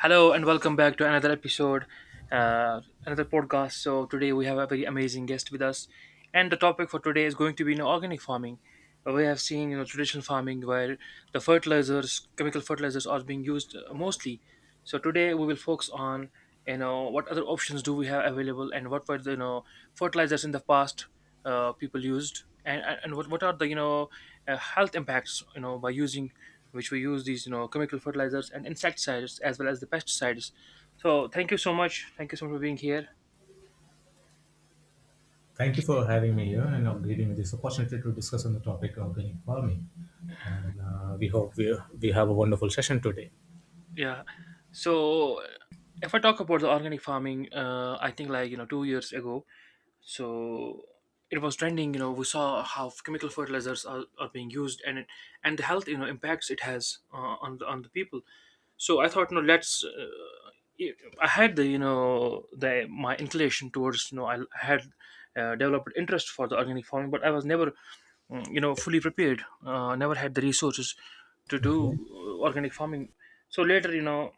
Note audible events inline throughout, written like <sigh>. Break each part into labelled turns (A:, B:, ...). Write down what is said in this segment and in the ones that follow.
A: Hello and welcome back to another episode, another podcast. So today we have a very amazing guest with us, and the topic for today is going to be, organic farming. We have seen, traditional farming where the fertilizers, chemical fertilizers, are being used mostly. So today we will focus on, what other options do we have available, and what were the, fertilizers in the past people used, and what are the, health impacts, by using, which we use these, chemical fertilizers and insecticides as well as the pesticides. So thank you so much, thank you so much for being here.
B: Thank you for having me here and giving me this opportunity to discuss on the topic of organic farming. And we hope we have a wonderful session today.
A: Yeah. So if I talk about the organic farming, I think, like, 2 years ago. So it was trending. You know we saw how chemical fertilizers are being used, and and the health, impacts it has on the people. So I thought, no, let's I had the, the my inclination towards, I had developed interest for the organic farming, but I was never fully prepared, never had the resources to do
B: Okay.
A: organic farming. So later,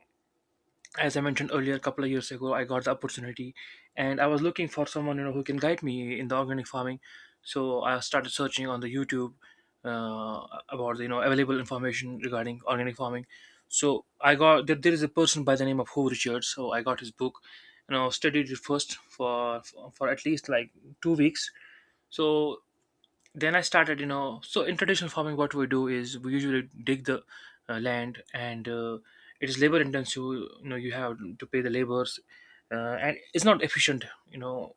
A: as I mentioned earlier, a couple of years ago, I got the opportunity, and I was looking for someone, who can guide me in the organic farming. So I started searching on the YouTube about the, available information regarding organic farming. So I got there is a person by the name of Hove Richards. So I got his book, studied it first for at least like 2 weeks. So then I started, so in traditional farming, what we do is we usually dig the land, and it is labor intensive. You know, you have to pay the laborers, and it's not efficient, you know,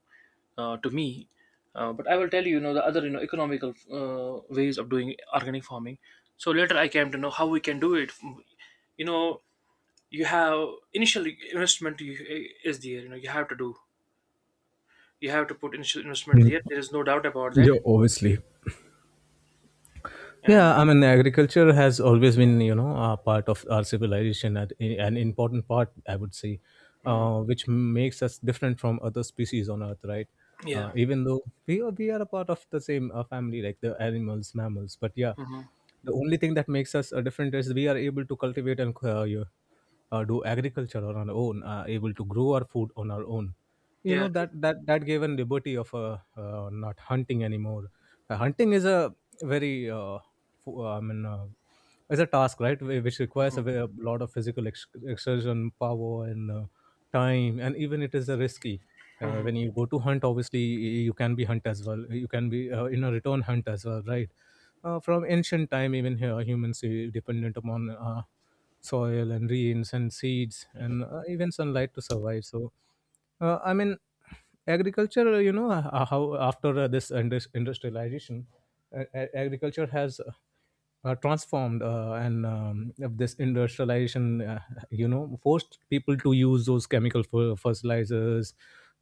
A: to me. But I will tell you, the other, economical ways of doing organic farming. So later, I came to know how we can do it. You know, you have initial investment is there. You know, you have to do, you have to put initial investment
B: Mm.
A: there. There is no doubt about that.
B: Yeah, obviously.
A: And
B: Yeah, I mean, agriculture has always been, you know, a part of our civilization, and an important part, I would say,
A: mm,
B: which makes us different from other species on Earth, right?
A: yeah.
B: Even though we are a part of the same family, like the animals, mammals, but yeah,
A: Mhm.
B: the only thing that makes us different is we are able to cultivate and do agriculture on our own, able to grow our food on our own. You know
A: Yeah. True.
B: that gave an liberty of not hunting anymore. Hunting is a very uh, I mean, it's a task, right? Which requires a,
A: Mhm.
B: a lot of physical exertion, power, and time, and even it is a risky. When you go to hunt, obviously you can be hunt as well. You can be in a return hunt as well, right? From ancient time, even here, humans dependent upon soil and rains and seeds and even sunlight to survive. So, I mean, agriculture, you know, how after this industrialization, uh, agriculture has transformed and of this industrialization, you know, forced people to use those chemical fertilizers,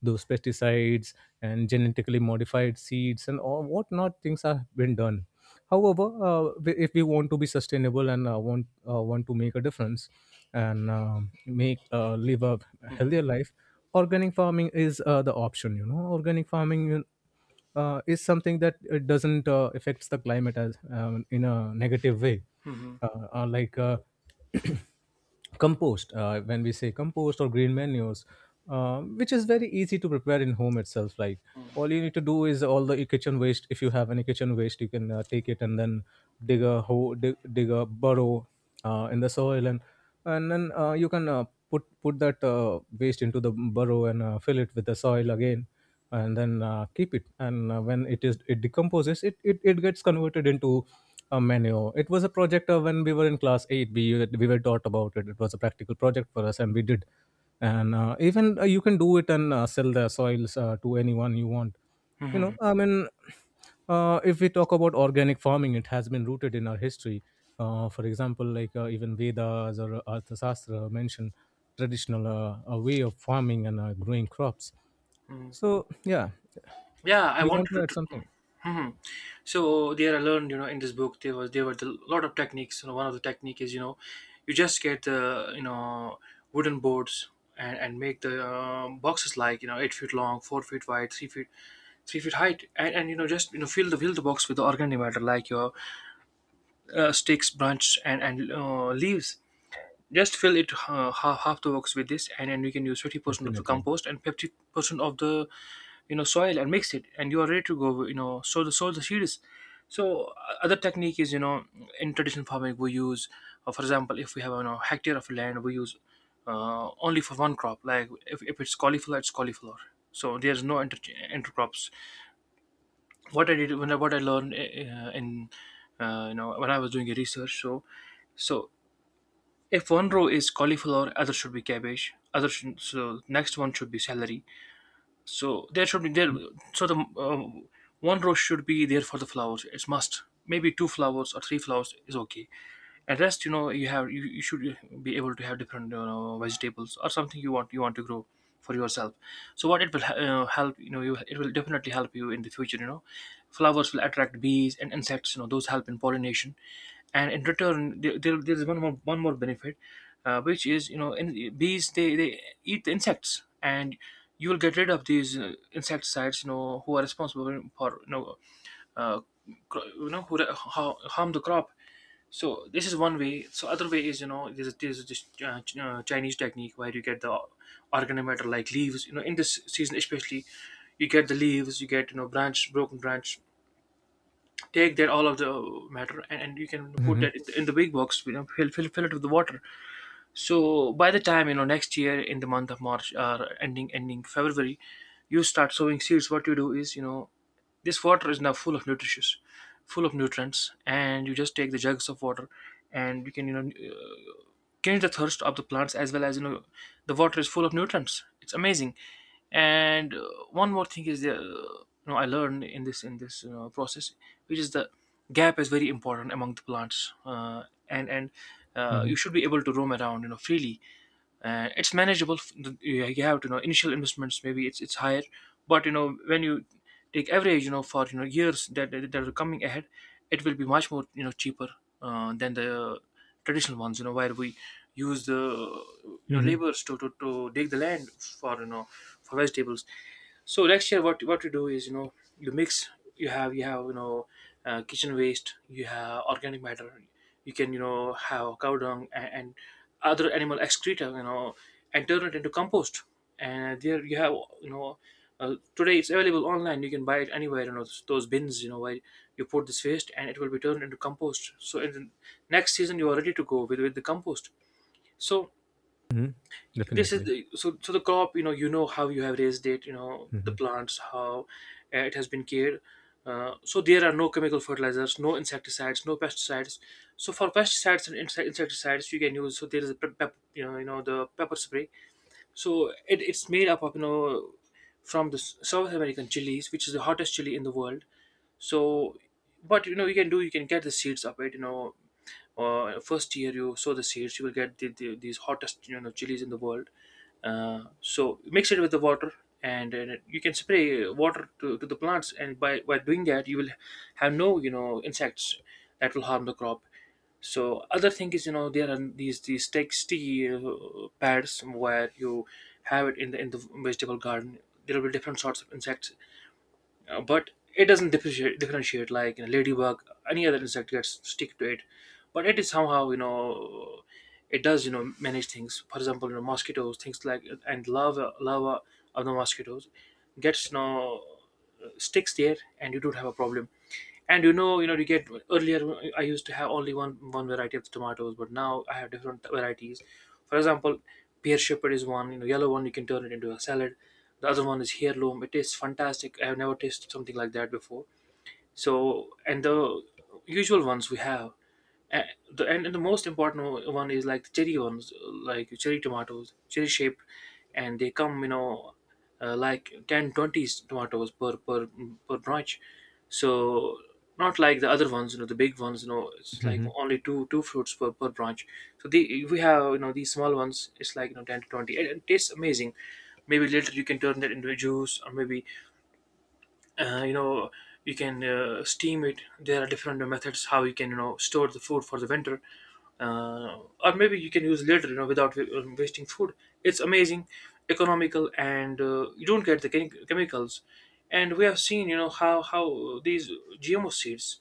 B: those pesticides, and genetically modified seeds, and all whatnot things have been done. However, if we want to be sustainable and want to make a difference and make live a
A: Mhm.
B: healthier life, organic farming is the option. You know, organic farming is something that doesn't affects the climate as in a negative way,
A: Mhm.
B: like <clears throat> compost. When we say compost or green manures, which is very easy to prepare in home itself, like all you need to do is, all the kitchen waste, if you have any kitchen waste, you can take it and then dig a hole, dig a burrow in the soil, and then you can put that waste into the burrow, and fill it with the soil again, and then keep it. And when it is, it decomposes, it gets converted into a menu. It was a project when we were in class 8. We were taught about it. It was a practical project for us, and we did. And even you can do it and sell the soils to anyone you want. You know,
A: Mhm.
B: I mean, if we talk about organic farming, it has been rooted in our history. For example, like, even Vedas or Arthashastra mention traditional way of farming and growing crops.
A: Mhm.
B: So yeah,
A: Yeah, I
B: you
A: wanted
B: want to
A: to.
B: add something?
A: Mhm. So there, I learned, you know, in this book there were a lot of techniques. You know, one of the technique is, you know, you just get the, wooden boards, and make the boxes like, you know, 8 feet long, 4 feet wide, three feet height, and just, fill the box with the organic matter like your sticks, branches, and leaves. Just fill it half the box with this, and then you can use 50% of the
B: Definitely.
A: compost and 50% of the, soil, and mix it, and you are ready to go. You know, sow the seeds. So other technique is, in traditional farming we use, for example, if we have, hectare of land, we use only for one crop. Like if it's cauliflower, it's cauliflower. So there's no intercrops. What I learned in when I was doing a research, so if one row is cauliflower, other should be cabbage, so next one should be celery. So there should be there, so the one row should be there for the flowers, it's must. Maybe two flowers or three flowers is okay. At rest, you know, you should be able to have different vegetables, or something you want to grow for yourself. So what it will help, it will definitely help you in the future. You know, flowers will attract bees and insects, you know, those help in pollination. And in return there is one more benefit, which is, you know, bees, they eat the insects, and you will get rid of these insecticides, you know, who are responsible for, you know, uh, you know, who harm the crop. So this is one way. So other way is, you know, there's this Chinese technique where you get the organic matter like leaves. You know, in this season especially, you get the leaves, you get, you know, branch, broken branch. Take that all of the matter, and you can put
B: Mm-hmm.
A: that in the big box. You know, fill it with the water. So by the time, you know, next year in the month of March, or ending February, you start sowing seeds. What you do is, you know, this water is now full of nutrients, and you just take the jugs of water, and you can, you know, quench the thirst of the plants, as well as, you know, the water is full of nutrients. It's amazing. And one more thing is the you know, I learned in this you know, process, which is the gap is very important among the plants, and
B: Mm-hmm.
A: you should be able to roam around, you know, freely, and it's manageable. You have to know, initial investments maybe it's higher, but, you know, when you take average, you know, for, you know, years that are coming ahead, it will be much more, you know, cheaper than the traditional ones, you know, where we use the, you know,
B: Mm-hmm.
A: laborers to dig the land, for, vegetables. So next year what you do is, you know, you mix. You have, you know, kitchen waste, you have organic matter, you can, you know, have cow dung, and other animal excreta, you know, and turn it into compost. And there you have, you know, today it's available online, you can buy it anywhere, you know, those bins, you know, where you put this waste and it will be turned into compost. So in the next season, you are ready to go with the compost. So
B: Hmm. Definitely.
A: so the crop, you know, you know, how you have raised it, you know, the
B: Mm-hmm.
A: plants how it has been cared, so there are no chemical fertilizers, no insecticides, no pesticides. So for pesticides and insecticides you can use. So there is a you know, you know, the pepper spray. So it's made up of, you know, from the South American chilies, which is the hottest chili in the world. So, but, you know, you can get the seeds of it, you know, first year you sow the seeds, you will get these hottest, you know, chilies in the world. So mix it with the water, and you can spray water to the plants, and by doing that you will have no, you know, insects that will harm the crop. So other thing is, you know, there are these texty pads where you have it in the vegetable garden. There will be different sorts of insects, but it doesn't differentiate, like, you know, ladybug, any other insect gets stick to it, but it is somehow, you know, it does, you know, manage things. For example, you know, mosquitoes, things like, and lava of the mosquitoes gets, you know, sticks there, and you don't have a problem. And, you know, you know, you get, earlier I used to have only one variety of tomatoes, but now I have different varieties. For example, pear shepherd is one, you know, yellow one, you can turn it into a salad. The other one is heirloom, it tastes fantastic, I have never tasted something like that before. So, and the usual ones we have, and and the most important one is like the cherry ones, like cherry tomatoes, cherry shaped, and they come, you know, like 10 20 tomatoes per branch. So not like the other ones, you know, the big ones, you know, it's like
B: Hmm.
A: only two fruits per branch. So the we have, you know, these small ones, it's like, you know, 10 to 20, and it tastes amazing. Maybe later you can turn that into a juice, or maybe you know, you can steam it. There are different methods how you can, you know, store the food for the Winter. Or maybe you can use later, without wasting food. It's amazing, economical, and you don't get the chemicals. And we have seen, you know, how these GMO seeds.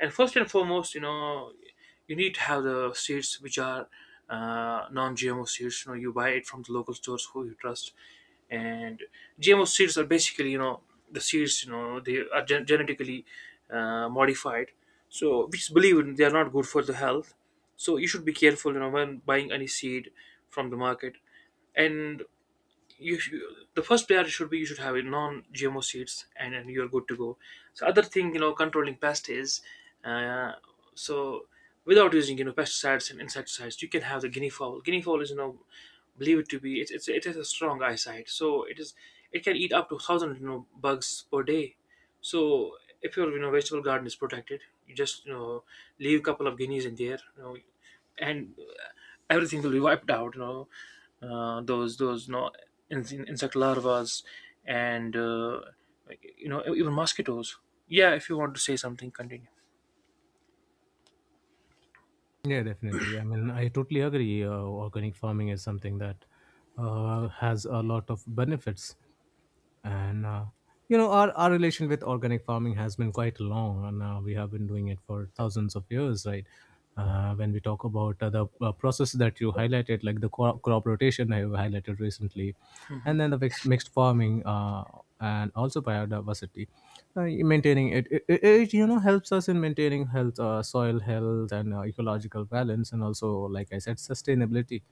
A: And first and foremost, you know, you need to have the seeds which are non-GMO seeds. You know, you buy it from the local stores who you trust. And GMO seeds are basically, you know, the seeds, you know, they are genetically modified. So we just believe in they are not good for the health. So you should be careful, you know, when buying any seed from the market. And you sh- the first priority should be you should have a non-GMO seeds, and you're good to go. So other thing, you know, controlling pests is uh, so without using, you know, pesticides and insecticides, you can have the guinea fowl. Guinea fowl is, you know, believe it to be, it's it has a strong eyesight, so it is, it can eat up to 1000, you know, bugs per day. So if your, you know, vegetable garden is protected, you just, you know, leave a couple of guineas in there, you know, and everything will be wiped out. You know, those, you know, insect larvas, and like, you know, even mosquitoes. Yeah, if you want to say something, continue.
B: Yeah, definitely. I mean, I totally agree. Organic farming is something that has a lot of benefits, and you know, our relation with organic farming has been quite long, and we have been doing it for thousands of years, right? When we talk about the process that you highlighted, like the crop rotation I have highlighted recently, and then the mixed farming, and also biodiversity, maintaining it, you know, helps us in maintaining health, soil health and ecological balance, and also like I said, sustainability.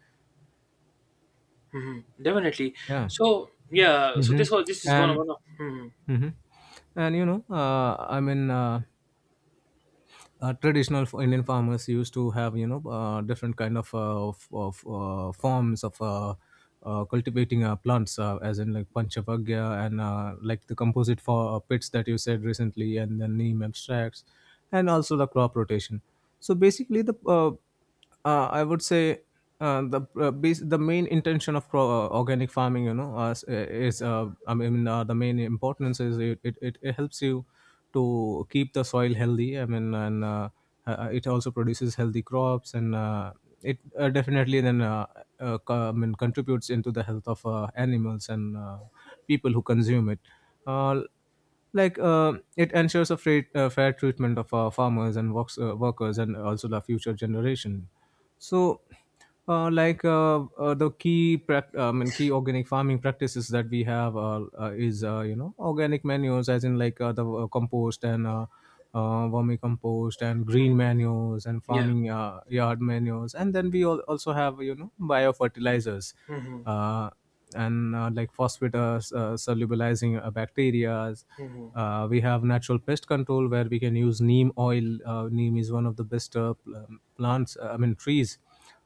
A: Hmm. Definitely.
B: Yeah.
A: So yeah, so
B: Hmm.
A: this is one of
B: And
A: one of. Mhm,
B: hmm, and you know, traditional Indian farmers used to have, you know, different kind of forms of cultivating plants, as in like panchavagya, and like the composite for pits that you said recently, and the neem abstracts, and also the crop rotation. So basically, the I would say the base, the main intention of organic farming, you know, is I mean, the main importance is it helps you to keep the soil healthy. I mean, and it also produces healthy crops, and it definitely then I mean, contributes into the health of animals and people who consume it. Uh, like it ensures a fair treatment of farmers and workers, and also the future generation. So like the I mean, key organic farming practices that we have is you know, organic manures, as in like the compost, and vermicompost, and green
A: mhm,
B: manures, and
A: Yeah.
B: farming yard manures, and then we all also have, you know, biofertilizers,
A: hmm
B: uh, and like phosphate solubilizing bacteria.
A: hmm
B: We have natural pest control, where we can use neem oil. Neem is one of the best plants, I mean trees,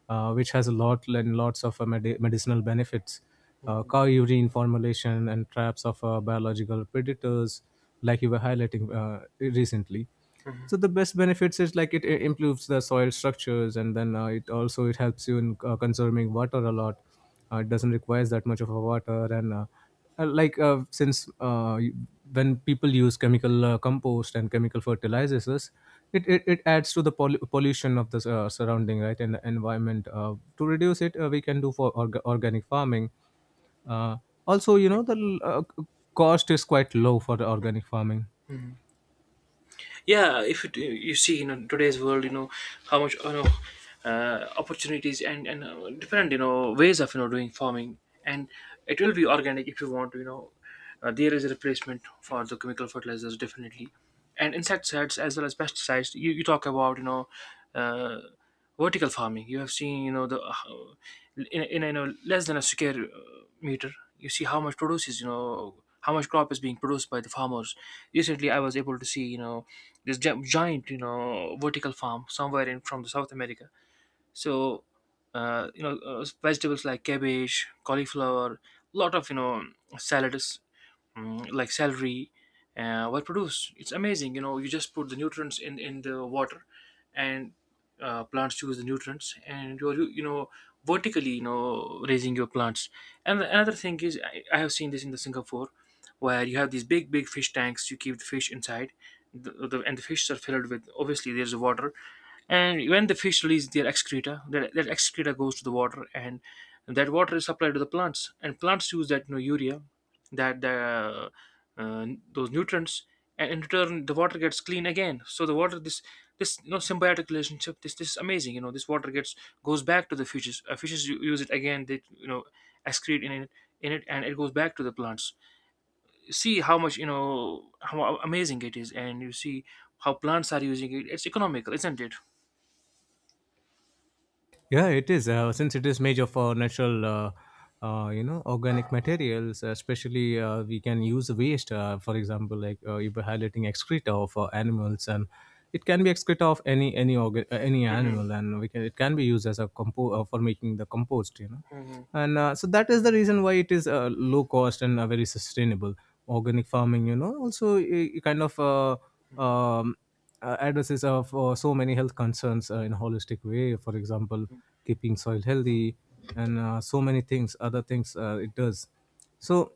B: which has a lot and lots of medicinal benefits.
A: hmm
B: Cow urine formulation and traps of biological predators, like you were highlighting recently. So the best benefits is like it improves the soil structures, and then it also it helps you in conserving water a lot. It doesn't require that much of a water. And like since when people use chemical compost and chemical fertilizers, it adds to the pollution of the surrounding, right? And the environment, to reduce it, we can do for organic farming. uh, Also, you know, the cost is quite low for the organic farming.
A: yeah, if you, you see in today's world, you know, how much, you know, opportunities and different, you know, ways of, you know, doing farming. And it will be organic if you want, you know, there is a replacement for the chemical fertilizers, definitely, and insecticides as well as pesticides. You talk about, you know, uh, vertical farming. You have seen, you know, the in you know, less than a square meter, you see how much produce is, you know, how much crop is being produced by the farmers. Recently I was able to see, you know, this giant, you know, vertical farm somewhere in from the South America. So you know, vegetables like cabbage, cauliflower, lot of, you know, salads, like celery, were produced. It's amazing, you know. You just put the nutrients in the water, and plants choose the nutrients, and you're, you know, vertically, you know, raising your plants. And another thing is, I have seen this in the Singapore, where you have these big fish tanks. You keep the fish inside, the fish are filled with, obviously there's water, and when the fish release their excreta, that excreta goes to the water, and that water is supplied to the plants, and plants use that, you know, urea, that the uh, those nutrients. And in return, the water gets clean again, so the water, this, you know, symbiotic relationship, this is amazing. You know, this water gets, goes back to the fishes. Fishes use it again. They, you know, excrete in it, and it goes back to the plants. See how much, you know, how amazing it is, and you see how plants are using it. It's economical, isn't it?
B: Yeah, it is. Since it is made of natural, you know, organic materials, especially we can use waste, for example, like you were highlighting excreta of animals, and it can be excreta of any organ, any
A: Mhm.
B: animal, and we can, it can be used as a compo, for making the compost. You know,
A: Hmm.
B: and so that is the reason why it is low cost and very sustainable. Organic farming, you know, also kind of um, addresses of so many health concerns in a holistic way. For example, keeping soil healthy, and so many things, other things it does. So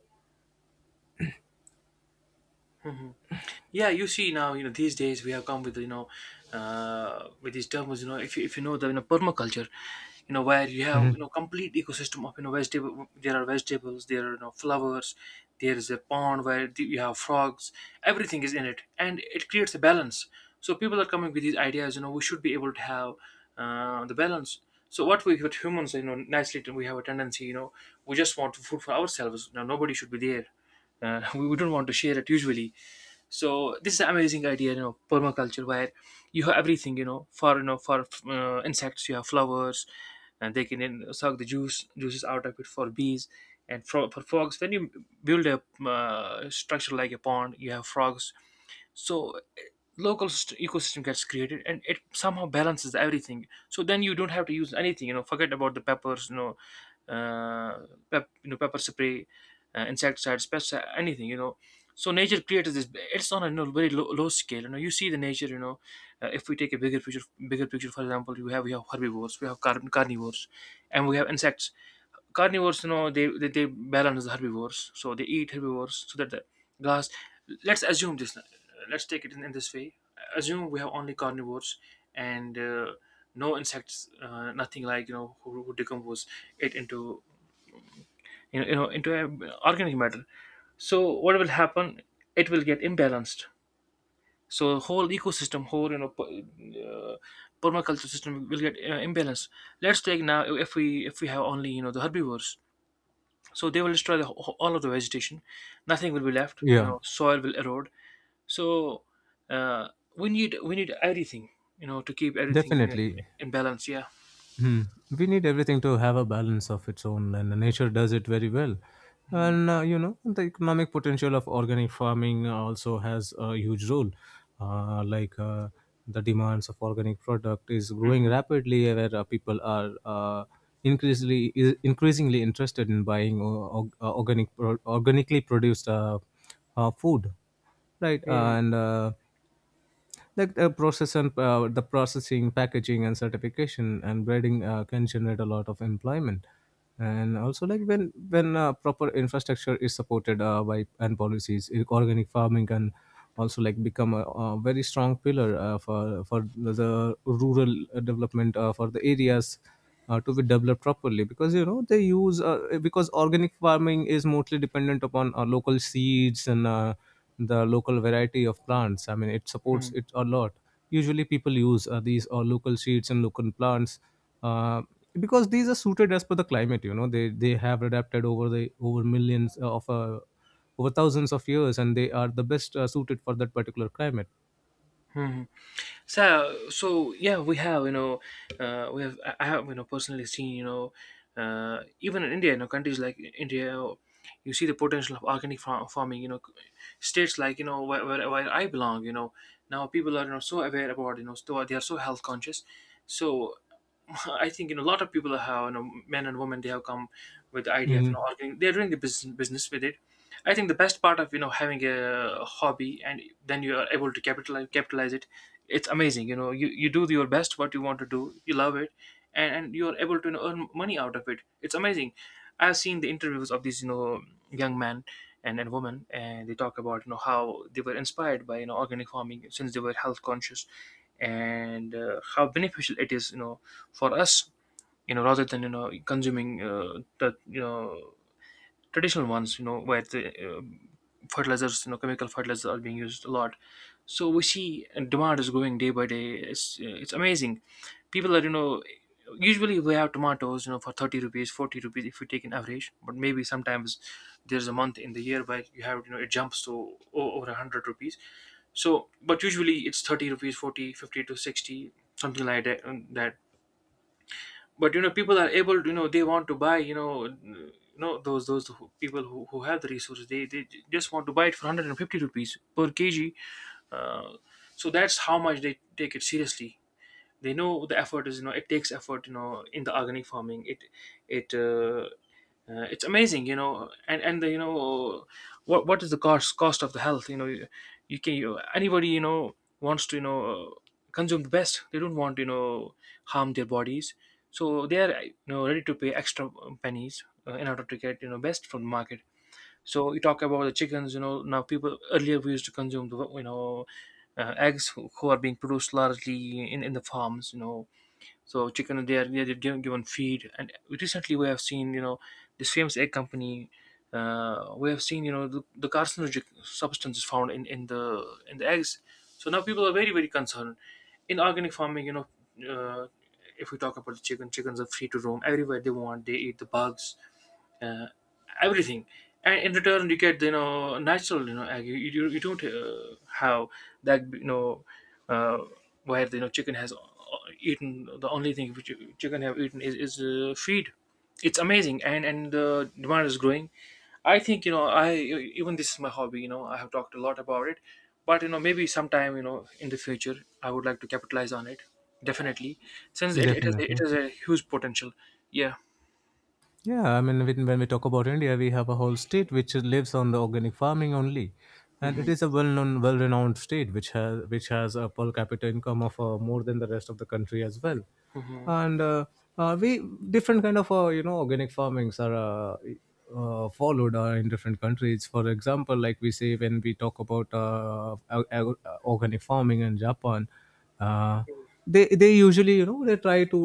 A: Yeah, you see now, you know, these days we have come with, you know, uh, with these terms, you know, if you know the, you know, permaculture, you know, where you have, you know,
B: Mhm.
A: complete ecosystem of, you know, vegetable, there are vegetables, there are, you know, flowers, there is a pond where you have frogs, everything is in it, and it creates a balance. So people are coming with these ideas, you know, we should be able to have the balance. So what we with humans, you know, naturally we have a tendency, you know, we just want food for ourselves. Now nobody should be there. <laughs> We don't want to share it usually. So this is an amazing idea, you know, permaculture, where you have everything, you know, for, you know, for insects you have flowers, and they can then suck the juices out of it, for bees, and for frogs, when you build a structure like a pond, you have frogs. So eh, ecosystem gets created, and it somehow balances everything, so then you don't have to use anything, you know. Forget about the peppers, you know, uh, you know, pepper spray, insecticides, pests, anything, you know. So nature created this. It's on a, you know, very low scale. You know, you see the nature, you know, if we take a bigger picture, bigger picture, for example, you have we have herbivores, we have carnivores, and we have insects. Carnivores, you know, they balance the herbivores, so they eat herbivores so that the grass, let's assume this. Let's take it in this way. Assume we have only carnivores, and no insects, nothing, like, you know, who decompose it into, you know, into organic matter. So what will happen? It will get imbalanced. So whole ecosystem, whole, you know, uh, permaculture system will get imbalanced. Let's take now, if we, if we have only, you know, the herbivores, so they will destroy all of the vegetation. Nothing will be left, you
B: Yeah,
A: know. Soil will erode. So uh, we need everything, you know, to keep everything
B: definitely.
A: in balance. Yeah.
B: Hmm. We need everything to have a balance of its own, and nature does it very well.
A: Mm-hmm.
B: And you know, the economic potential of organic farming also has a huge role. Like the demands of organic product is growing rapidly, where people are increasingly interested in buying organic organically produced food, right? And the process, and the processing, packaging, and certification, and breeding can generate a lot of employment. And also, like, when proper infrastructure is supported by and policies, organic farming can also like become a very strong pillar for the rural development for the areas to be developed properly, because you know they use because organic farming is mostly dependent upon local seeds and the local variety of plants. I mean, it
A: Mm-hmm.
B: supports it a lot. Usually people use these local seeds and local plants, uh, because these are suited as per the climate. You know, they have adapted over the over millions of over thousands of years, and they are the best suited for that particular climate.
A: Mm-hmm. So yeah, we have, you know, we have I have, you know, personally seen, you know, even in India, you know, countries like India, you see the potential of organic farming. You know, states like, you know, where I belong, you know, now people are, you know, so aware about, you know, so they are so health conscious. So I think, you know, a lot of people have, you know, men and women, they have come with the idea of, you
B: Mhm.
A: know, arguing. They're doing the business with it. I think the best part of, you know, having a hobby, and then you are able to capitalize it. It's amazing. You know, you do your best, what you want to do. You love it, and you are able to, you know, earn money out of it. It's amazing. I've seen the interviews of these, you know, young men, and women, and they talk about, you know, how they were inspired by, you know, organic farming, since they were health conscious, and how beneficial it is. You know, for us, you know, rather than, you know, consuming the, you know, traditional ones, you know, where the fertilizers, you know, chemical fertilizers are being used a lot. So we see demand is going day by day. It's amazing. People are, you know, usually we have tomatoes, you know, for 30 rupees, 40 rupees, if we take an average, but maybe sometimes there's a month in the year where you have, you know, it jumps to over 100 rupees. So but usually it's 30 rupees, 40, 50 to 60, something like that, that. But you know, people are able to, you know, they want to buy, you know, those, people who have the resources, they just want to buy it for 150 rupees per kg. uh, so that's how much they take it seriously. They know the effort is, you know, it takes effort, you know, in the organic farming. It uh, it's amazing, you know, and the, you know, what is the cost of the health. You know, anybody, you know, wants to, you know, consume the best. They don't want to, you know, harm their bodies. So they are, you know, ready to pay extra pennies, in order to get, you know, best from the market. So you talk about the chickens, you know. Now people earlier we used to consume the, you know, eggs who are being produced largely in the farms, you know. So chicken they are, they are given feed, and recently we have seen, you know, this famous egg company. We have seen, you know, the carcinogenic substances found in the eggs. So now people are very concerned. In organic farming, you know, uh, if we talk about the chicken, chickens are free to roam everywhere they want. They eat the bugs, uh, everything, and in return you get, you know, natural, you know, egg. You don't have that, uh, where chicken has eaten. The only thing which chicken have eaten is feed. It's amazing, and the demand is growing. I think, I — even this is my hobby. I have talked a lot about it, but, maybe sometime, in the future, I would like to capitalize on it. Definitely, since it, it has it
B: Definitely.
A: has a huge potential. Yeah.
B: Yeah, I mean, when we talk about India, we have a whole state which lives on the organic farming only, and
A: Hmm.
B: it is a well-known, well-renowned state which has a per capita income of more than the rest of the country as well,
A: Hmm.
B: and we different kind of you know organic farmings are followed in different countries. For example, like we say when we talk about organic farming in Japan. Uh, they usually, you know, they try to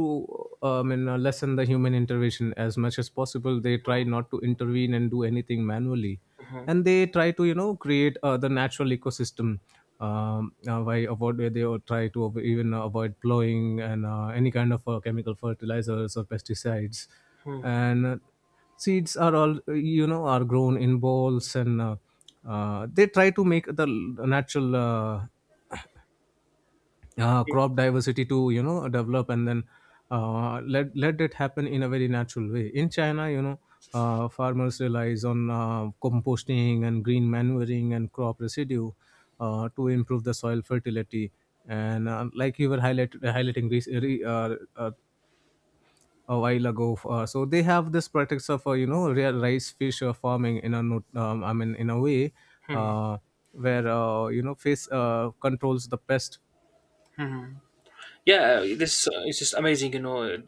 B: I mean, lessen the human intervention as much as possible. They try not to intervene and do anything manually,
A: Hmm.
B: and they try to, you know, create the natural ecosystem, by avoid, where they all try to even avoid plowing and any kind of chemical fertilizers or pesticides,
A: Hmm.
B: and seeds are all you know are grown in balls. And they try to make the natural. Crop diversity to you know develop, and then let it happen in a very natural way. In China, you know, farmers relies on composting and green manuring and crop residue to improve the soil fertility. And like you were highlighting a while ago, so they have this practice of you know, real rice fish farming in a I mean in a way
A: Hmm.
B: uh, where you know face controls the pest.
A: Yeah, this is just amazing.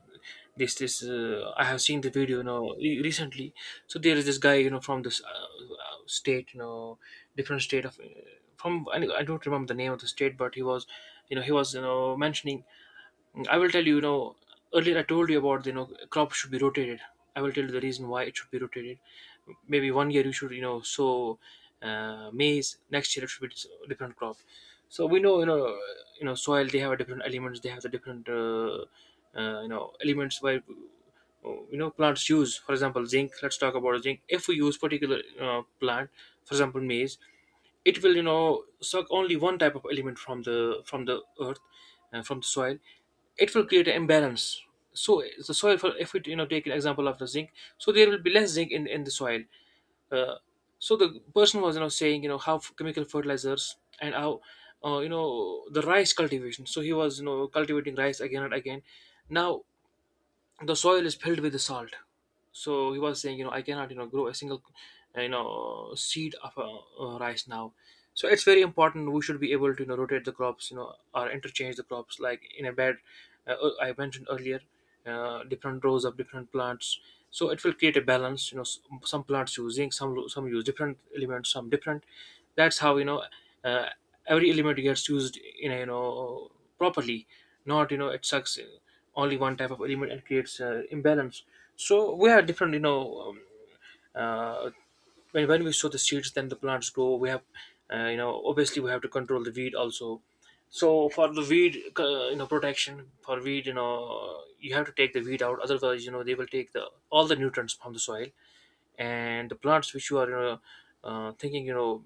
A: This I have seen the video, recently. So there is this guy, from this state, different state of from — I don't remember the name of the state, but he was, mentioning. I will tell you, earlier I told you about, crop should be rotated. I will tell you the reason why it should be rotated. Maybe one year you should, sow maize. Next year it should be a different crop. So we know, soil — they have a different elements. They have the different, elements by plants use. For example, zinc. Let's talk about zinc. If we use particular plant, for example, maize, it will suck only one type of element from the earth, from the soil. It will create an imbalance. So the soil — for — if we take an example of the zinc, so there will be less zinc in the soil. Uh, so the person was saying, how chemical fertilizers, and how, the rice cultivation. So he was cultivating rice again and again. Now the soil is filled with salt. So he was saying, I cannot, grow a single seed of rice now. So it's very important, we should be able to, rotate the crops, or interchange the crops, like in a bed, I mentioned earlier, different rows of different plants. So it will create a balance, some plants using some use different elements, some different. That's how, uh, every element gets used in a, properly. Not, it sucks only one type of element and creates imbalance. So we have different, uh, when we sow the seeds, then the plants grow. We have obviously we have to control the weed also. So for the weed, protection for weed, you have to take the weed out, otherwise, they will take the all the nutrients from the soil. And the plants which you are, thinking, you know